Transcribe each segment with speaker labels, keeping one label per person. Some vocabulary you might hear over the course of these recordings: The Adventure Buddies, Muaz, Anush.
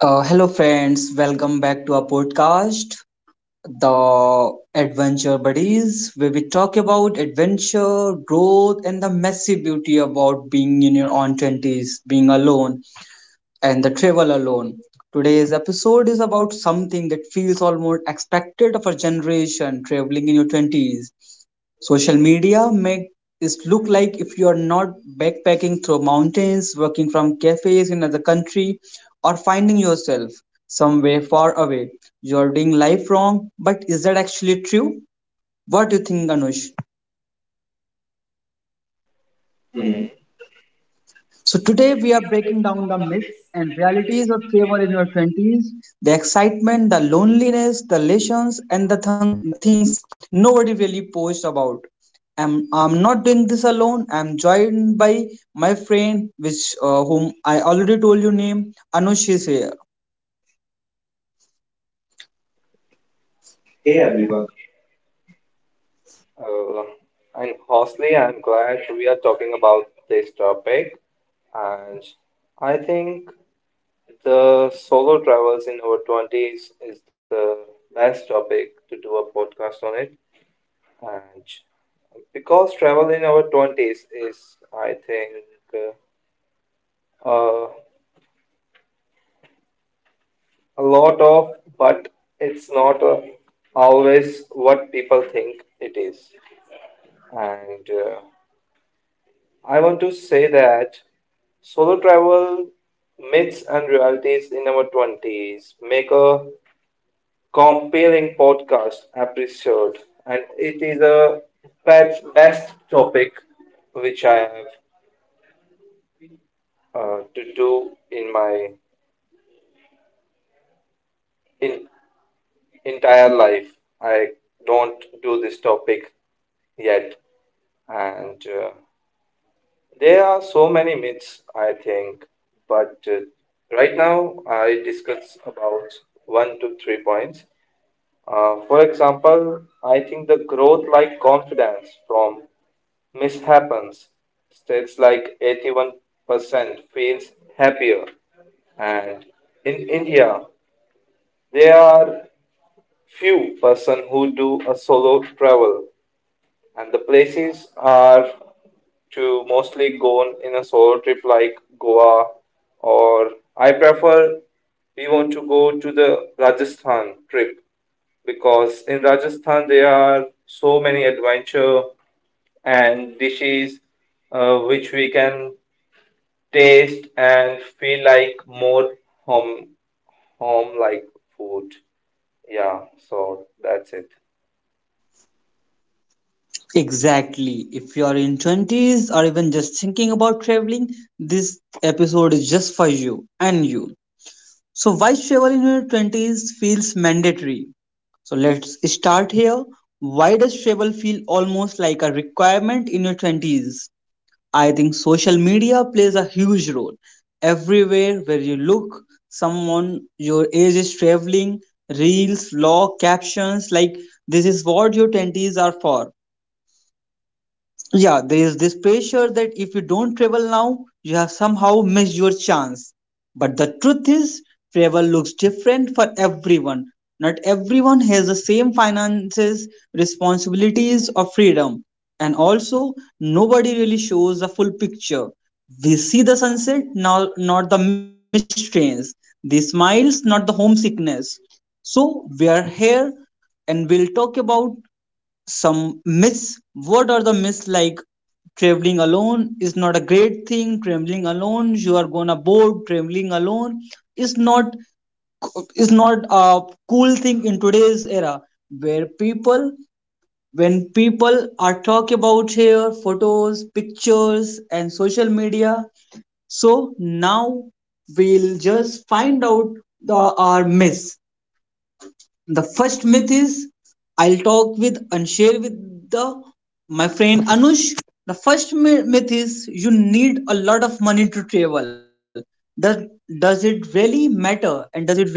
Speaker 1: Hello, friends. Welcome back to our podcast, The Adventure Buddies, where we talk about adventure, growth, and the messy beauty about being in your own 20s, being alone, and the travel alone. Today's episode is about something that feels almost expected of our generation traveling in your 20s. Social media make it look like if you are not backpacking through mountains, working from cafes in another country, or finding yourself somewhere far away. You are doing life wrong, but is that actually true? What do you think, Anush?
Speaker 2: Mhm.
Speaker 1: So today we are breaking down the myths and realities of travel in your 20s, the excitement, the loneliness, the lessons, and the things nobody really posts about. I'm not doing this alone. I'm joined by my friend, which whom I already told you name. Anush is here.
Speaker 2: Hey
Speaker 1: Hey
Speaker 2: everyone,
Speaker 1: everyone.
Speaker 2: uh, and firstly, I'm glad we are talking about this topic. And I think the solo travels in our 20s is the best topic to do a podcast on it. And because travel in our 20s is, I think, uh, uh, a lot of, but it's not always what people think it is. And I want to say that solo travel myths and realities in our 20s make a compelling podcast episode, and it is a best topic which I have to do in my in, entire life. I don't do this topic yet, and there are so many myths, I think, but right now I discuss about one to three points. For example, I think the growth like confidence from mishaps. States like 81% feels happier, and in India, there are few person who do a solo travel and the places are to mostly go in a solo trip like Goa, or I prefer we want to go to the Rajasthan trip because in Rajasthan there are so many adventure and dishes which we can taste and feel like more home home like food. Yeah, so that's it.
Speaker 1: Exactly. If you are in 20s or even just thinking about traveling, this episode is just for you and you. So, why travel in your 20s feels mandatory? So, let's start here. Why does travel feel almost like a requirement in your 20s? I think social media plays a huge role. Everywhere where you look, someone your age is traveling, reels, vlog, captions like this is what your 20s are for. Yeah, there is this pressure that if you don't travel now, you have somehow missed your chance. But the truth is, travel looks different for everyone. Not everyone has the same finances, responsibilities, or freedom. And also, nobody really shows the full picture. We see the sunset, now, not the missed trains. The smiles, not the homesickness. So, we are here and we'll talk about some myths. What are the myths? Like traveling alone is not a great thing, traveling alone you are gonna bored, traveling alone is not is not a cool thing in today's era where people when people are talk about here photos, pictures, and social media. So now we'll just find out the our myths. The first myth is, I'll talk with and share with the my friend Anush. The first myth is you need a lot of money to travel. Does does it really matter, and does it really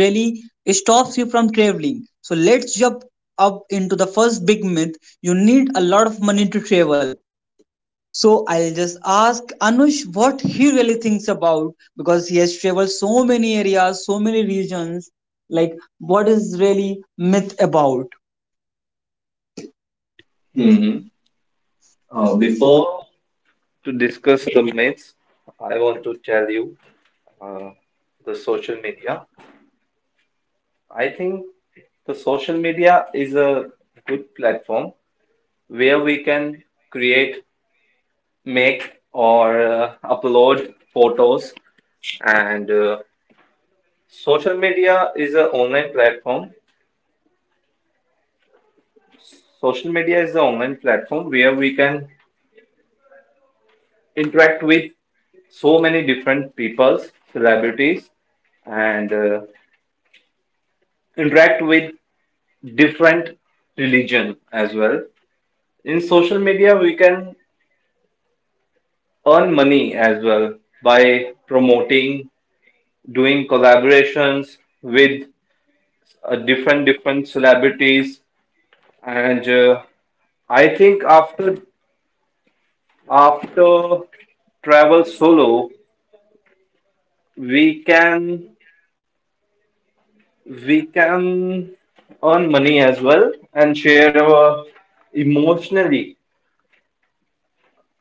Speaker 1: stops you from traveling? So let's jump up into the first big myth. You need a lot of money to travel. So I'll just ask Anush what he really thinks about, because he has traveled so many areas, so many regions. Like, what is really myth about?
Speaker 2: hmm
Speaker 1: Mhm. Before
Speaker 2: Before to discuss the myths, I want to tell you uh, the social media. I think the social media is a good platform where we can create, make, or upload photos. And social media is an online platform. Social media is an online platform where we can interact with so many different peoples, celebrities, and interact with different religion as well. In social media, we can earn money as well by promoting, doing collaborations with different celebrities. And I think after travel solo, we can we can earn money as well and share our emotionally.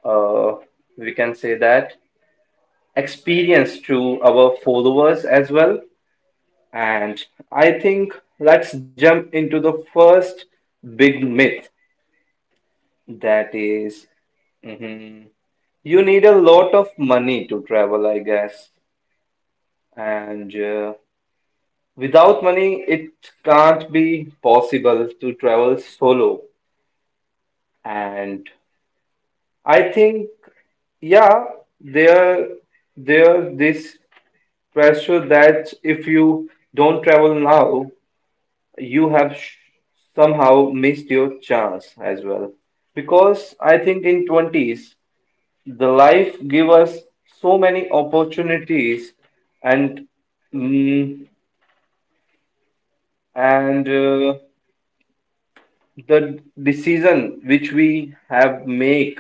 Speaker 2: Uh, we can say that experience to our followers as well. And I think let's jump into the first big myth that is, mhm, you need a lot of money to travel, I guess. And without money, it can't be possible to travel solo. And I think, yeah, there, this pressure that if you don't travel now, you have somehow missed your chance as well because I think in 20s the life give us so many opportunities and mm, and uh, the decision which we have make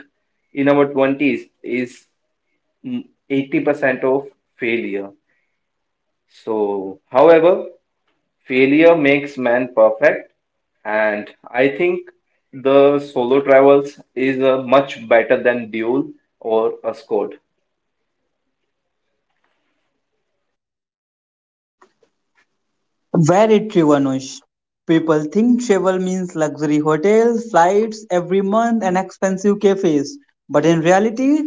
Speaker 2: in our 20s is 80% of failure. So however failure makes man perfect, and I think the solo travels is a much better than duel or a squad.
Speaker 1: Very true, Anush. People think travel means luxury hotels, flights every month, and expensive cafes. But in reality,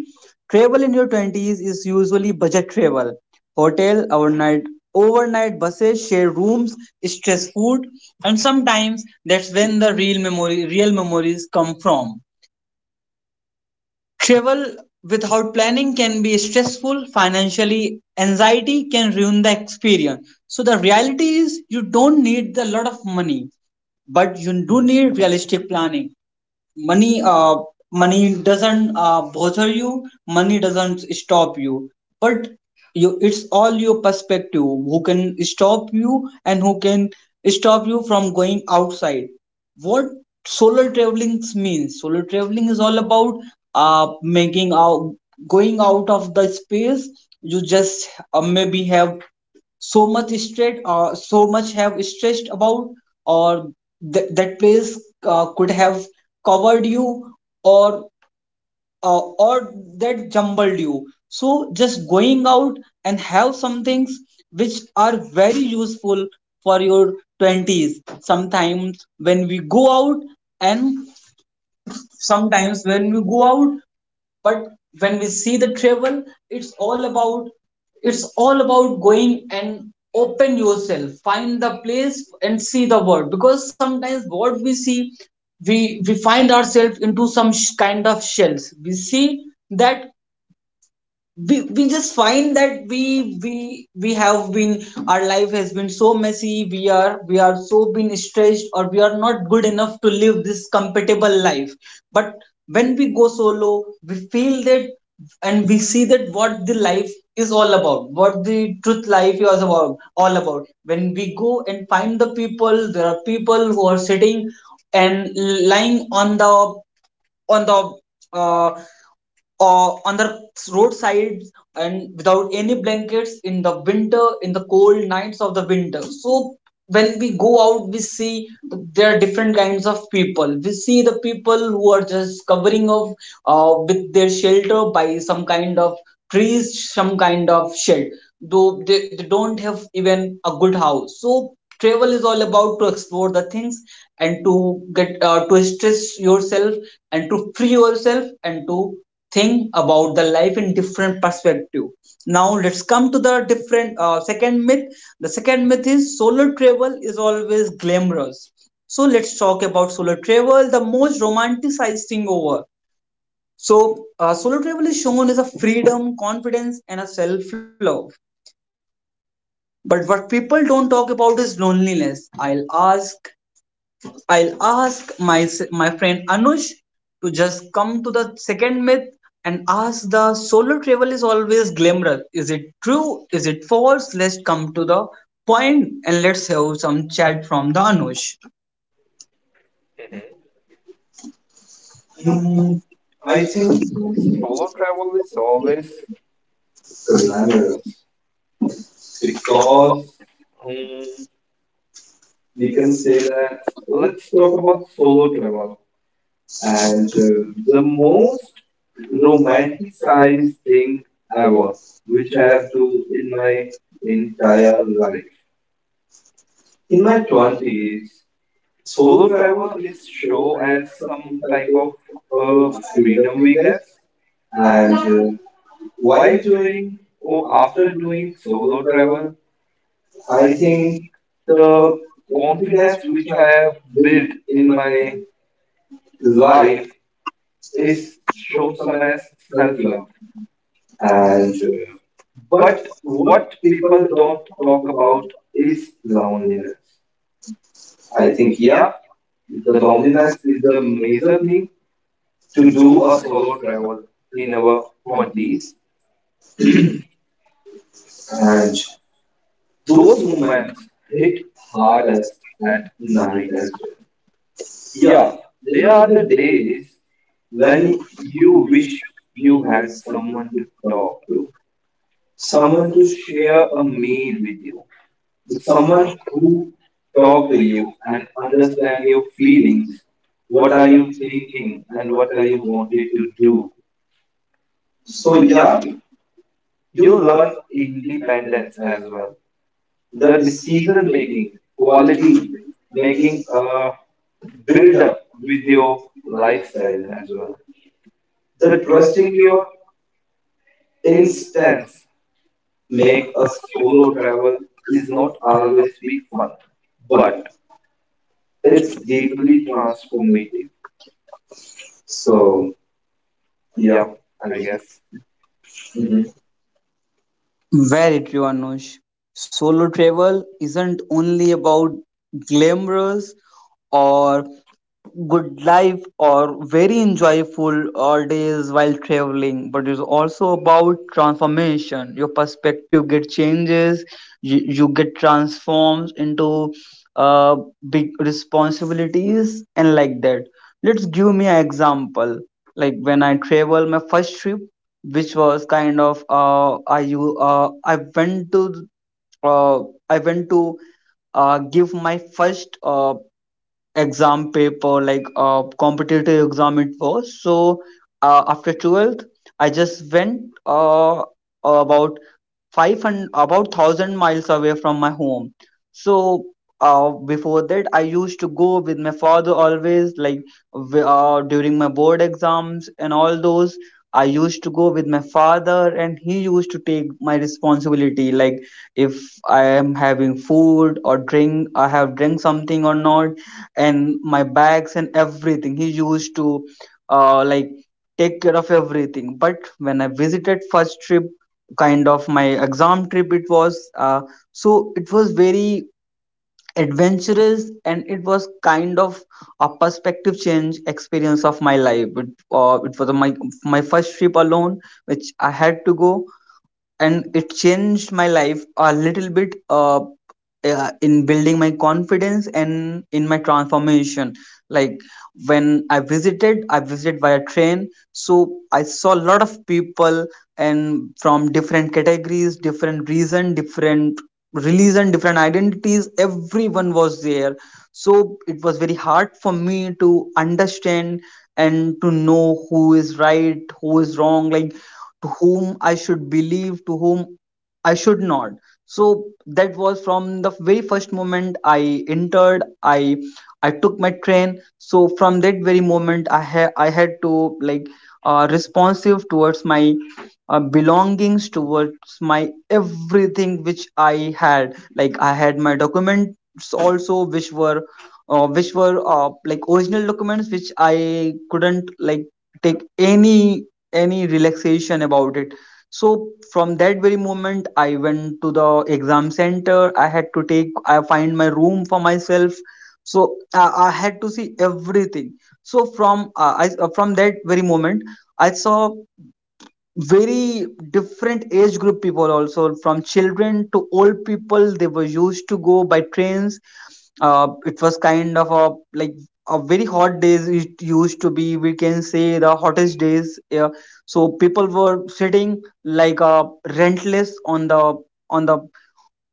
Speaker 1: travel in your 20s is usually budget travel. Hotel, overnight buses, shared rooms, stress food, and sometimes that's when the real memories come from. Travel without planning can be stressful financially. Anxiety can ruin the experience. So the reality is you don't need a lot of money, but you do need realistic planning. money uh, Money doesn't bother you. Money doesn't stop you, but you it's all your perspective. Who can stop you, and who can stop you from going outside? What solar traveling means Solar traveling is all about making out, going out of the space. You just maybe have so much have stressed about, or that place could have covered you, or or that jumbled you. So just going out and have some things which are very useful for your 20s. Sometimes when we go out, and sometimes when we go out but when we see the travel, it's all about it's all about going and open yourself, find the place, and see the world. Because sometimes what we see, we find ourselves into some kind of shells. We see that, we just find that we have been our life has been so messy, we are so been stressed, or we are not good enough to live this compatible life. But when we go solo, we feel that, and we see that what the truth life is about all about. When we go and find the people, there are people who are sitting and lying on the on the uh, on the roadsides, and without any blankets in the winter, in the cold nights of the winter. So when we go out, we see there are different kinds of people. We see the people who are just covering up with their shelter by some kind of trees, some kind of shed. Though they don't have even a good house. So travel is all about to explore the things, and to stress yourself, and to free yourself, and to think about the life in different perspective. Now let's come to the different second myth. The second myth is solo travel is always glamorous. So let's talk about solo travel, the most romanticized thing over. So solo travel is shown as a freedom, confidence, and a self love. But what people don't talk about is loneliness. I'll ask my friend Anush to just come to the second myth and ask the solo travel is always glamorous. Is it true? Is it false? Let's come to the point, and let's have some chat from the Anush.
Speaker 2: Mm,
Speaker 1: I
Speaker 2: I
Speaker 1: think
Speaker 2: think solo
Speaker 1: glamorous,
Speaker 2: travel is always glamour
Speaker 1: because
Speaker 2: because um,
Speaker 1: we can say that
Speaker 2: that
Speaker 1: let's
Speaker 2: let's
Speaker 1: talk
Speaker 2: talk
Speaker 1: about
Speaker 2: about
Speaker 1: solo
Speaker 2: solo
Speaker 1: travel.
Speaker 2: travel and
Speaker 1: And The most
Speaker 2: most
Speaker 1: romanticized travel
Speaker 2: romanticized
Speaker 1: thing
Speaker 2: thing
Speaker 1: ever,
Speaker 2: ever,
Speaker 1: which
Speaker 2: which I
Speaker 1: I have
Speaker 2: have
Speaker 1: to
Speaker 2: done
Speaker 1: in
Speaker 2: in
Speaker 1: my
Speaker 2: my
Speaker 1: entire
Speaker 2: entire life.
Speaker 1: life. In
Speaker 2: In
Speaker 1: my
Speaker 2: my
Speaker 1: 20s,
Speaker 2: 20s,
Speaker 1: solo
Speaker 2: solo
Speaker 1: travel
Speaker 2: travel
Speaker 1: is
Speaker 2: is
Speaker 1: show
Speaker 2: show
Speaker 1: as
Speaker 2: as
Speaker 1: something
Speaker 2: some
Speaker 1: like
Speaker 2: type of
Speaker 1: a sort of
Speaker 2: freedom, we
Speaker 1: freedom,
Speaker 2: guess.
Speaker 1: I
Speaker 2: And
Speaker 1: guess. And While
Speaker 2: while doing
Speaker 1: doing,
Speaker 2: or
Speaker 1: or after
Speaker 2: after doing
Speaker 1: doing solo
Speaker 2: solo
Speaker 1: travel,
Speaker 2: travel, I
Speaker 1: I
Speaker 2: think
Speaker 1: think
Speaker 2: the
Speaker 1: the confidence
Speaker 2: confidence
Speaker 1: which
Speaker 2: which
Speaker 1: I
Speaker 2: I
Speaker 1: have
Speaker 2: have
Speaker 1: built
Speaker 2: built
Speaker 1: in
Speaker 2: in
Speaker 1: my
Speaker 2: my
Speaker 1: life
Speaker 2: life
Speaker 1: is
Speaker 2: is
Speaker 1: short
Speaker 2: shown some
Speaker 1: term
Speaker 2: as
Speaker 1: self
Speaker 2: self
Speaker 1: love.
Speaker 2: love. And
Speaker 1: And but
Speaker 2: but
Speaker 1: what
Speaker 2: what
Speaker 1: people
Speaker 2: people
Speaker 1: don't
Speaker 2: don't
Speaker 1: talk
Speaker 2: talk
Speaker 1: about
Speaker 2: about
Speaker 1: is
Speaker 2: is
Speaker 1: loneliness.
Speaker 2: loneliness.
Speaker 1: I
Speaker 2: I
Speaker 1: think
Speaker 2: think,
Speaker 1: yeah,
Speaker 2: yeah,
Speaker 1: the
Speaker 2: the
Speaker 1: loneliness
Speaker 2: loneliness
Speaker 1: is
Speaker 2: is
Speaker 1: the
Speaker 2: the
Speaker 1: major
Speaker 2: major
Speaker 1: thing
Speaker 2: thing to
Speaker 1: to do
Speaker 2: do
Speaker 1: a
Speaker 2: a
Speaker 1: solo
Speaker 2: solo
Speaker 1: travel
Speaker 2: travel
Speaker 1: in
Speaker 2: in
Speaker 1: the
Speaker 2: our
Speaker 1: twenties.
Speaker 2: 20s,
Speaker 1: And
Speaker 2: and
Speaker 1: those
Speaker 2: those
Speaker 1: moments
Speaker 2: moments
Speaker 1: hit
Speaker 2: hit
Speaker 1: hard as
Speaker 2: hardest
Speaker 1: and
Speaker 2: at
Speaker 1: night
Speaker 2: night
Speaker 1: as
Speaker 2: as
Speaker 1: well.
Speaker 2: well.
Speaker 1: Yeah,
Speaker 2: Yeah,
Speaker 1: there
Speaker 2: they
Speaker 1: are
Speaker 2: are
Speaker 1: the
Speaker 2: the
Speaker 1: days
Speaker 2: days
Speaker 1: when
Speaker 2: when
Speaker 1: you
Speaker 2: you
Speaker 1: wish
Speaker 2: wish you
Speaker 1: you had
Speaker 2: had
Speaker 1: someone
Speaker 2: someone
Speaker 1: to
Speaker 2: to
Speaker 1: talk
Speaker 2: talk to,
Speaker 1: to, someone
Speaker 2: someone
Speaker 1: to
Speaker 2: to
Speaker 1: share
Speaker 2: share
Speaker 1: a
Speaker 2: a
Speaker 1: meal
Speaker 2: meal
Speaker 1: with
Speaker 2: with
Speaker 1: you,
Speaker 2: you, someone
Speaker 1: someone who
Speaker 2: who
Speaker 1: talk to
Speaker 2: talk to you
Speaker 1: you and
Speaker 2: and
Speaker 1: understand
Speaker 2: understand
Speaker 1: your
Speaker 2: your
Speaker 1: feelings,
Speaker 2: feelings.
Speaker 1: what
Speaker 2: What
Speaker 1: are
Speaker 2: are you
Speaker 1: you thinking
Speaker 2: thinking
Speaker 1: and
Speaker 2: and
Speaker 1: what
Speaker 2: what
Speaker 1: are
Speaker 2: are
Speaker 1: you
Speaker 2: you want?
Speaker 1: wanting to do. So
Speaker 2: So
Speaker 1: yeah,
Speaker 2: yeah,
Speaker 1: you
Speaker 2: you
Speaker 1: learn
Speaker 2: learn
Speaker 1: independence
Speaker 2: independence
Speaker 1: as
Speaker 2: as
Speaker 1: well.
Speaker 2: well.
Speaker 1: The
Speaker 2: The
Speaker 1: decision
Speaker 2: decision
Speaker 1: making
Speaker 2: making,
Speaker 1: quality,
Speaker 2: quality
Speaker 1: making
Speaker 2: making,
Speaker 1: build
Speaker 2: build
Speaker 1: up
Speaker 2: up
Speaker 1: with
Speaker 2: with
Speaker 1: your
Speaker 2: your
Speaker 1: lifestyle
Speaker 2: lifestyle
Speaker 1: as
Speaker 2: as
Speaker 1: well.
Speaker 2: well.
Speaker 1: The
Speaker 2: The
Speaker 1: trusting
Speaker 2: trusting
Speaker 1: your
Speaker 2: your
Speaker 1: instinct
Speaker 2: instincts
Speaker 1: make
Speaker 2: make
Speaker 1: a
Speaker 2: a
Speaker 1: solo
Speaker 2: solo
Speaker 1: travel
Speaker 2: travel
Speaker 1: is
Speaker 2: is
Speaker 1: not
Speaker 2: not
Speaker 1: always
Speaker 2: always
Speaker 1: big
Speaker 2: be
Speaker 1: fun,
Speaker 2: fun,
Speaker 1: but
Speaker 2: but
Speaker 1: it's
Speaker 2: it's
Speaker 1: deeply
Speaker 2: deeply
Speaker 1: transformative.
Speaker 2: transformative. So
Speaker 1: So, yeah.
Speaker 2: yeah,
Speaker 1: I
Speaker 2: I
Speaker 1: just,
Speaker 2: guess.
Speaker 1: mhm.
Speaker 2: Mhm.
Speaker 1: Very true, Anush. Solo travel isn't only about glamorous or good life or very enjoyable all days while traveling, but it's also about transformation. Your perspective get changes. You get transformed into uh, big responsibilities, and like that let's give me an example. Like when I travel my first trip, which was kind of uh, I went to give my first exam paper, like competitive exam. It was so after 12th I just went uh, about 500 about thousand miles away from my home. So before that, I used to go with my father always, like during my board exams and all those. I used to go with my father, and he used to take my responsibility. Like if I am having food or drink, I have drink something or not, and my bags and everything. He used to like take care of everything. But when I visited first trip, kind of my exam trip, it was very adventurous, and it was kind of a perspective change experience of my life. It was my first trip alone, which I had to go, and it changed my life a little bit in building my confidence and in my transformation. Like when I visited via train. So I saw a lot of people, and from different categories, different reason, different religion, different identities. Everyone was there. So it was very hard for me to understand and to know who is right, who is wrong, like to whom I should believe, to whom I should not. So that was from the very first moment I entered, I took my train. So from that very moment, I had to like responsive towards my belongings, towards my everything which I had. Like I had my documents also, which were like original documents which I couldn't like take any relaxation about it. So from that very moment, I went to the exam center. I had to take, I find my room for myself. So I had to see everything. So from that very moment, I saw very different age group people also, from children to old people. They were used to go by trains. It was kind of a like a very hot days it used to be, we can say the hottest days, yeah. So people were sitting like rentless on the on the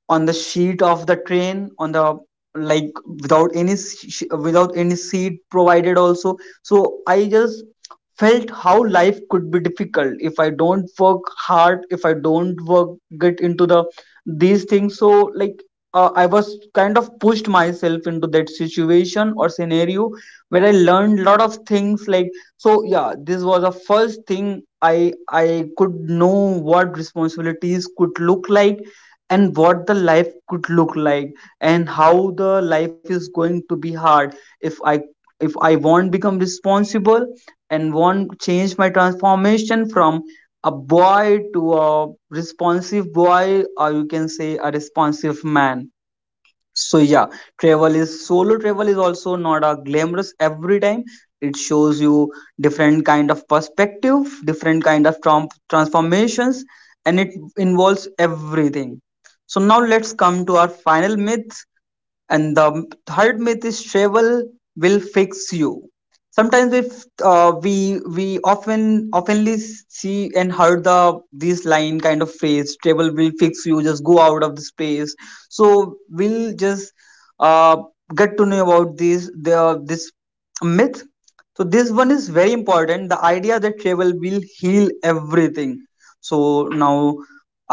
Speaker 1: on the sheet of the train, on the like, without without any seat provided also. So I just felt how life could be difficult if I don't work hard, if I don't work get into the these things. So like, I was kind of pushed myself into that situation or scenario, where I learned lot of things like. So yeah, this was the first thing I could know what responsibilities could look like, and what the life could look like, and how the life is going to be hard if I, if I won't become responsible and won't change my transformation from a boy to a responsive boy, or you can say a responsive man. So yeah, travel is solo travel is also not a glamorous every time. It shows you different kind of perspective, different kind of transformations, and it involves everything. So now let's come to our final myth. And the third myth is travel will fix you. Sometimes if we often oftenly see and heard the this line kind of phrase, travel will fix you, just go out of this place. So we'll just uh, get to know about this myth. So this one is very important, the idea that travel will heal everything. So now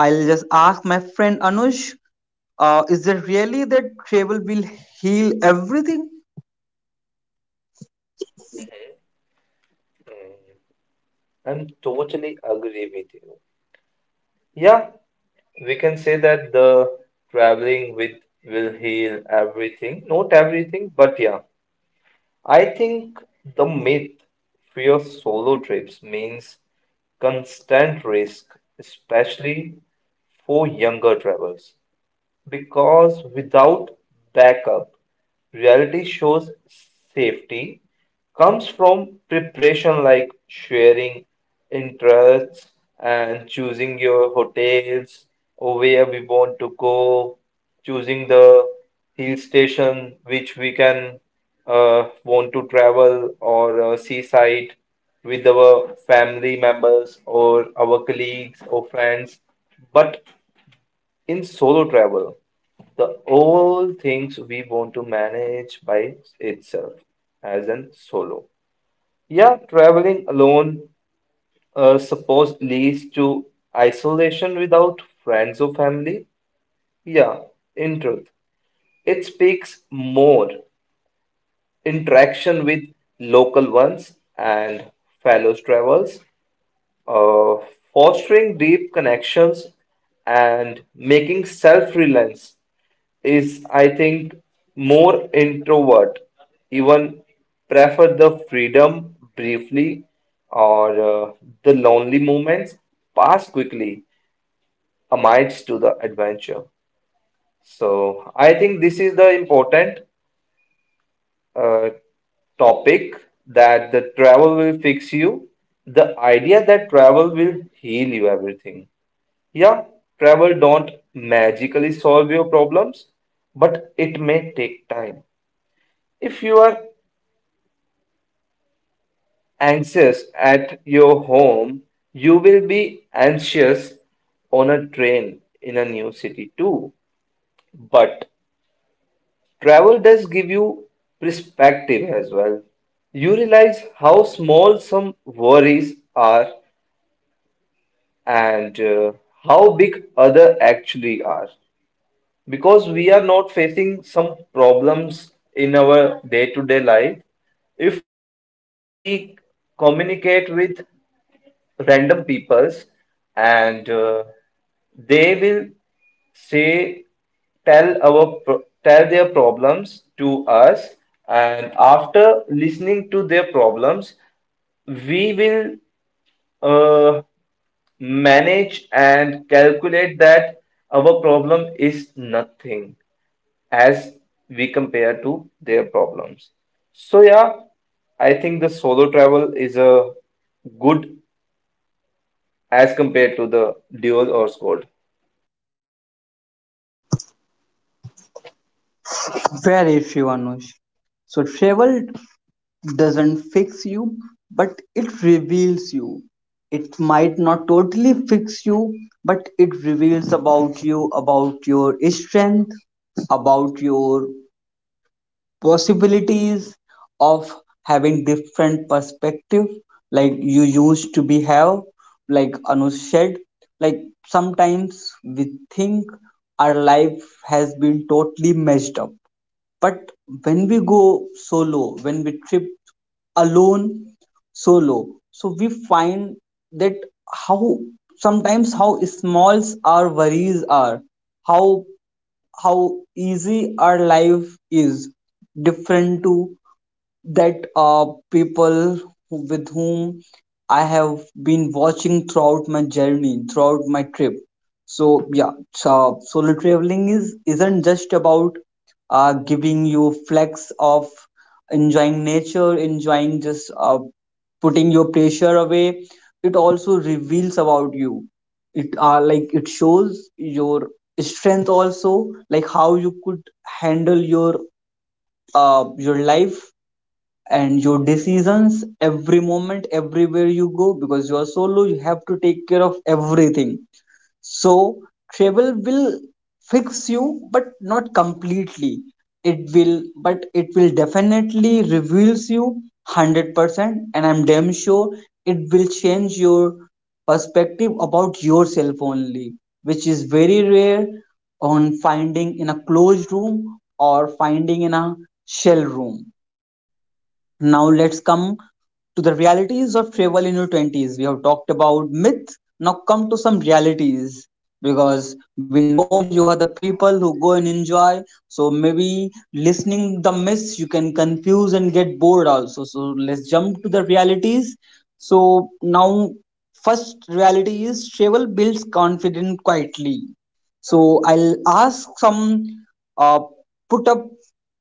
Speaker 1: I'll just ask my friend Anush, is there really that travel will heal everything?
Speaker 2: Mm, I'm totally agree with you. Yeah, we can say that the traveling with will heal everything. Not everything, but yeah. I think the myth for solo trips means constant risk, especially for younger travelers. Because without backup, reality shows safety comes from preparation like sharing interests and choosing your hotels or where we want to go, choosing the hill station which we can want to travel or seaside with our family members or our colleagues or friends. But in solo travel, the all things we want to manage by itself as in solo. Yeah, traveling alone suppose leads to isolation without friends or family. Yeah, in truth, it speaks more interaction with local ones and fellow travelers uh, fostering deep connections and making self-reliance is I think more introvert even prefer the freedom briefly or the lonely moments pass quickly amidst to the adventure. So I think this is the important uh, topic that the travel will fix you, the idea that travel will heal you everything. Yeah, travel don't magically solve your problems, but it may take time. If you are anxious at your home, you will be anxious on a train in a new city too. But travel does give you perspective as well. You realize how small some worries are and how big other actually are. Because we are not facing some problems in our day-to-day life, if we communicate with random peoples and they will say tell their problems to us, and after listening to their problems we will uh, manage and calculate that our problem is nothing as we compare to their problems. So yeah, I think the solo travel is a good as compared to the dual or squad.
Speaker 1: Very true, Anush. So travel doesn't fix you, but it reveals you. It might not totally fix you, but it reveals about you, about your strength, about your possibilities of having different perspective like you used to be have, like Anu said. Like sometimes we think our life has been totally messed up, but when we go solo, when we trip alone solo, so we find that how sometimes how smalls our worries are, how how easy our life is, different to that people with whom I have been watching throughout my journey, throughout my trip. So yeah, so solo traveling is isn't just about giving you flex of enjoying nature, enjoying just, putting your pressure away. It also reveals about you. It like it shows your strength also, like how you could handle your life and your decisions every moment, everywhere you go, because you are solo, you have to take care of everything. So travel will fix you, but not completely. It will, but it will definitely reveals you 100%, and I'm damn sure it will change your perspective about yourself only, which is very rare on finding in a closed room or finding in a shell room. Now let's come to the realities of travel in your 20s. We have talked about myths. Now come to some realities, because we know you are the people who go and enjoy. So maybe listening the myths you can confuse and get bored also. So let's jump to the realities. So now first reality is travel builds confidence quietly. So I'll ask some uh, put up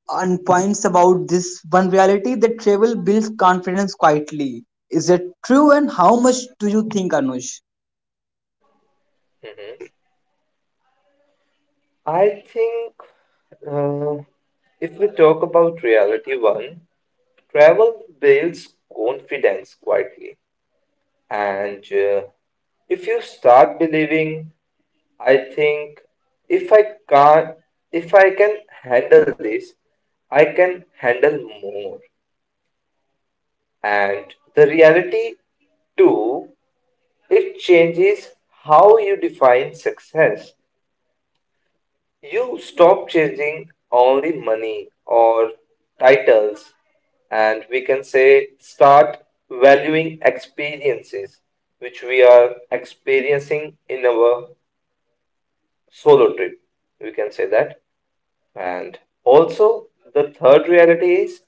Speaker 1: on points about this one reality, that travel builds confidence quietly. Is it true and how much do you think, Anush?
Speaker 2: I think uh, if we talk about reality one, travel builds confidence quietly, and if you start believing, I think if I can't, if I can handle this, I can handle more. And the reality, too, it changes how you define success. You stop chasing only money or titles, and we can say start valuing experiences which we are experiencing in our solo trip. We can say that. And also, the third reality is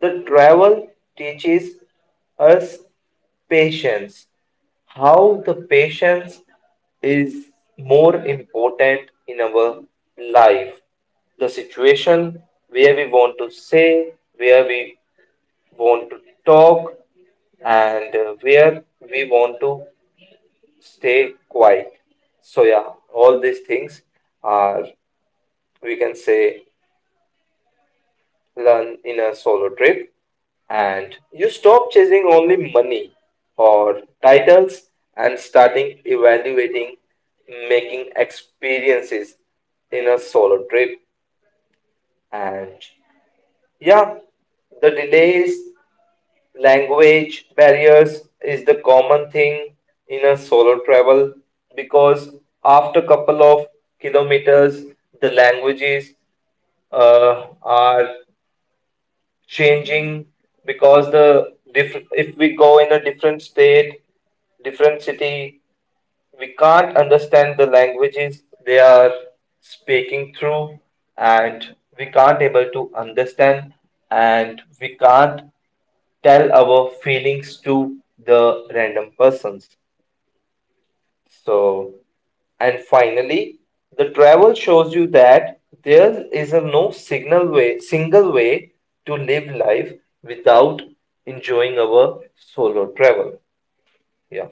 Speaker 2: the travel teaches us patience, how the patience is more important in our life. The situation where we want to say, where we want to talk, and where we want to stay quiet. So, yeah, all these things are, we can say, learn in a solo trip, and you stop chasing only money or titles and starting evaluating making experiences in a solo trip. And yeah, the delays, language barriers is the common thing in a solo travel because after couple of kilometers the languages are changing because the diff if we go in a different state, different city, we can't understand the languages they are speaking through, and we can't able to understand, and we can't tell our feelings to the random persons. So, and finally, the travel shows you that there is a no signal way, single way to live life without enjoying our solo travel. Yeah.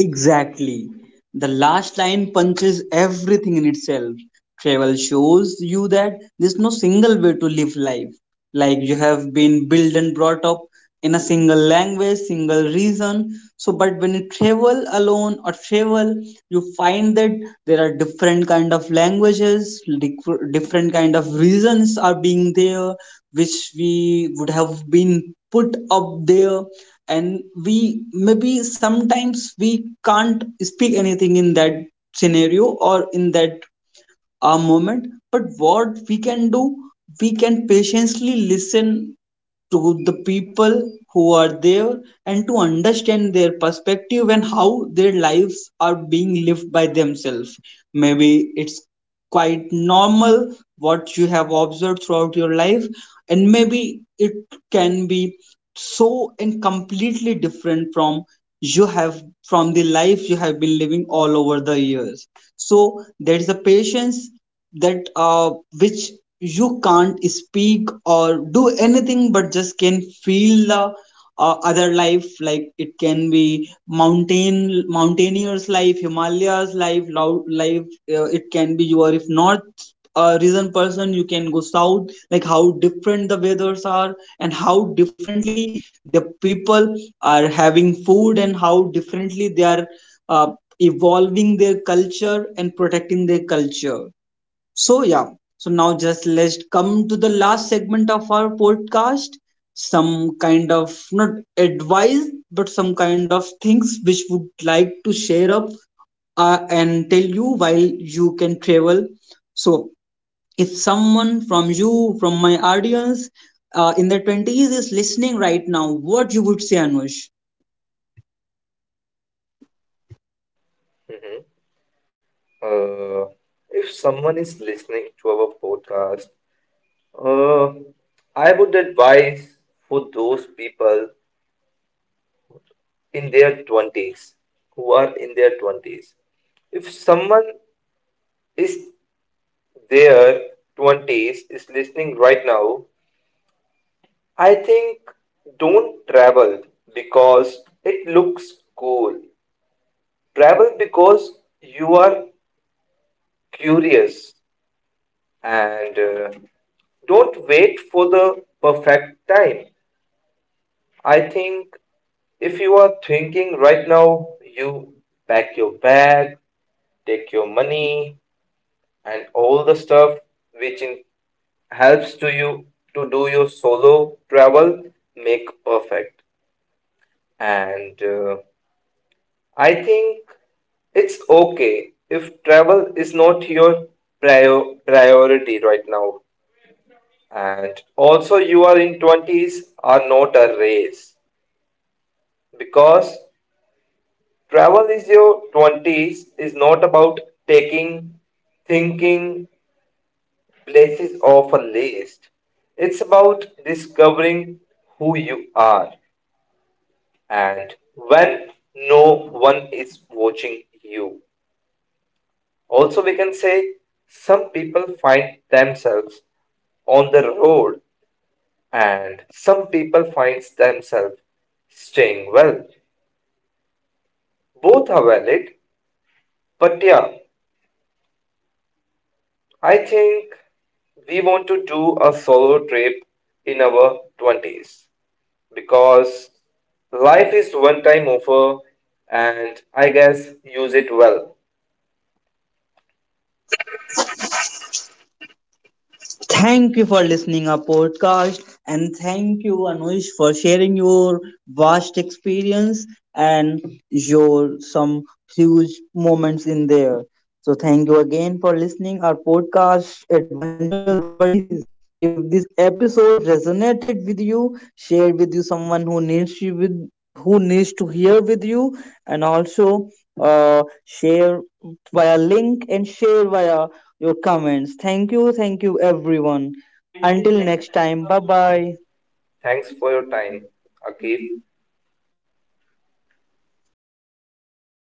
Speaker 1: Exactly. The last line punches everything in itself. Travel shows you that there's no single way to live life. Like you have been built and brought up in a single language, single reason. So, but when you travel alone or travel, you find that there are different kind of languages, different kind of reasons are being there, which we would have been put up there. And we maybe sometimes we can't speak anything in that scenario or in that moment. But what we can do, we can patiently listen to the people who are there, and to understand their perspective and how their lives are being lived by themselves. Maybe it's quite normal what you have observed throughout your life, and maybe it can be so and completely different from you have, from the life you have been living all over the years. So there is a patience that which you can't speak or do anything, but just can feel the other life, like it can be mountain mountaineers life, himalayas life, loud life. It can be you are, if north region person, you can go south, like how different the weathers are, and how differently the people are having food, and how differently they are uh, evolving their culture and protecting their culture. So, yeah, so now just let's come to the last segment of our podcast. Some kind of not advice, but some kind of things which would like to share up, and tell you while you can travel. So, if someone from you, from my audience, in their 20s is listening right now, what you would say, Anush?
Speaker 2: hmm Uh, if someone is listening to our podcast, uh, I would advise for those people in their 20s who are in their 20s. If someone is their 20s is listening right now, I think don't travel because it looks cool. Travel because you are curious and don't wait for the perfect time. I think if you are thinking right now, you pack your bag, take your money, and all the stuff which in helps to you to do your solo travel make perfect. And I think it's okay if travel is not your priority right now, and also you are in 20s are not a race because travel is your 20s is not about taking thinking places off a list. It's about discovering who you are and when no one is watching you. Also, we can say some people find themselves on the road and some people find themselves staying well. Both are valid, but yeah, I think we want to do a solo trip in our 20s because life is one time offer and I guess use it well.
Speaker 1: Thank you for listening our podcast, and thank you Anush for sharing your vast experience and your some huge moments in there. So thank you again for listening our podcast Adventurous Buddies. If this episode resonated with you, share with you someone who needs you with who needs to hear with you, and also share via link and share via your comments. Thank you, everyone. Until next time, bye bye.
Speaker 2: Thanks for your time, Akif.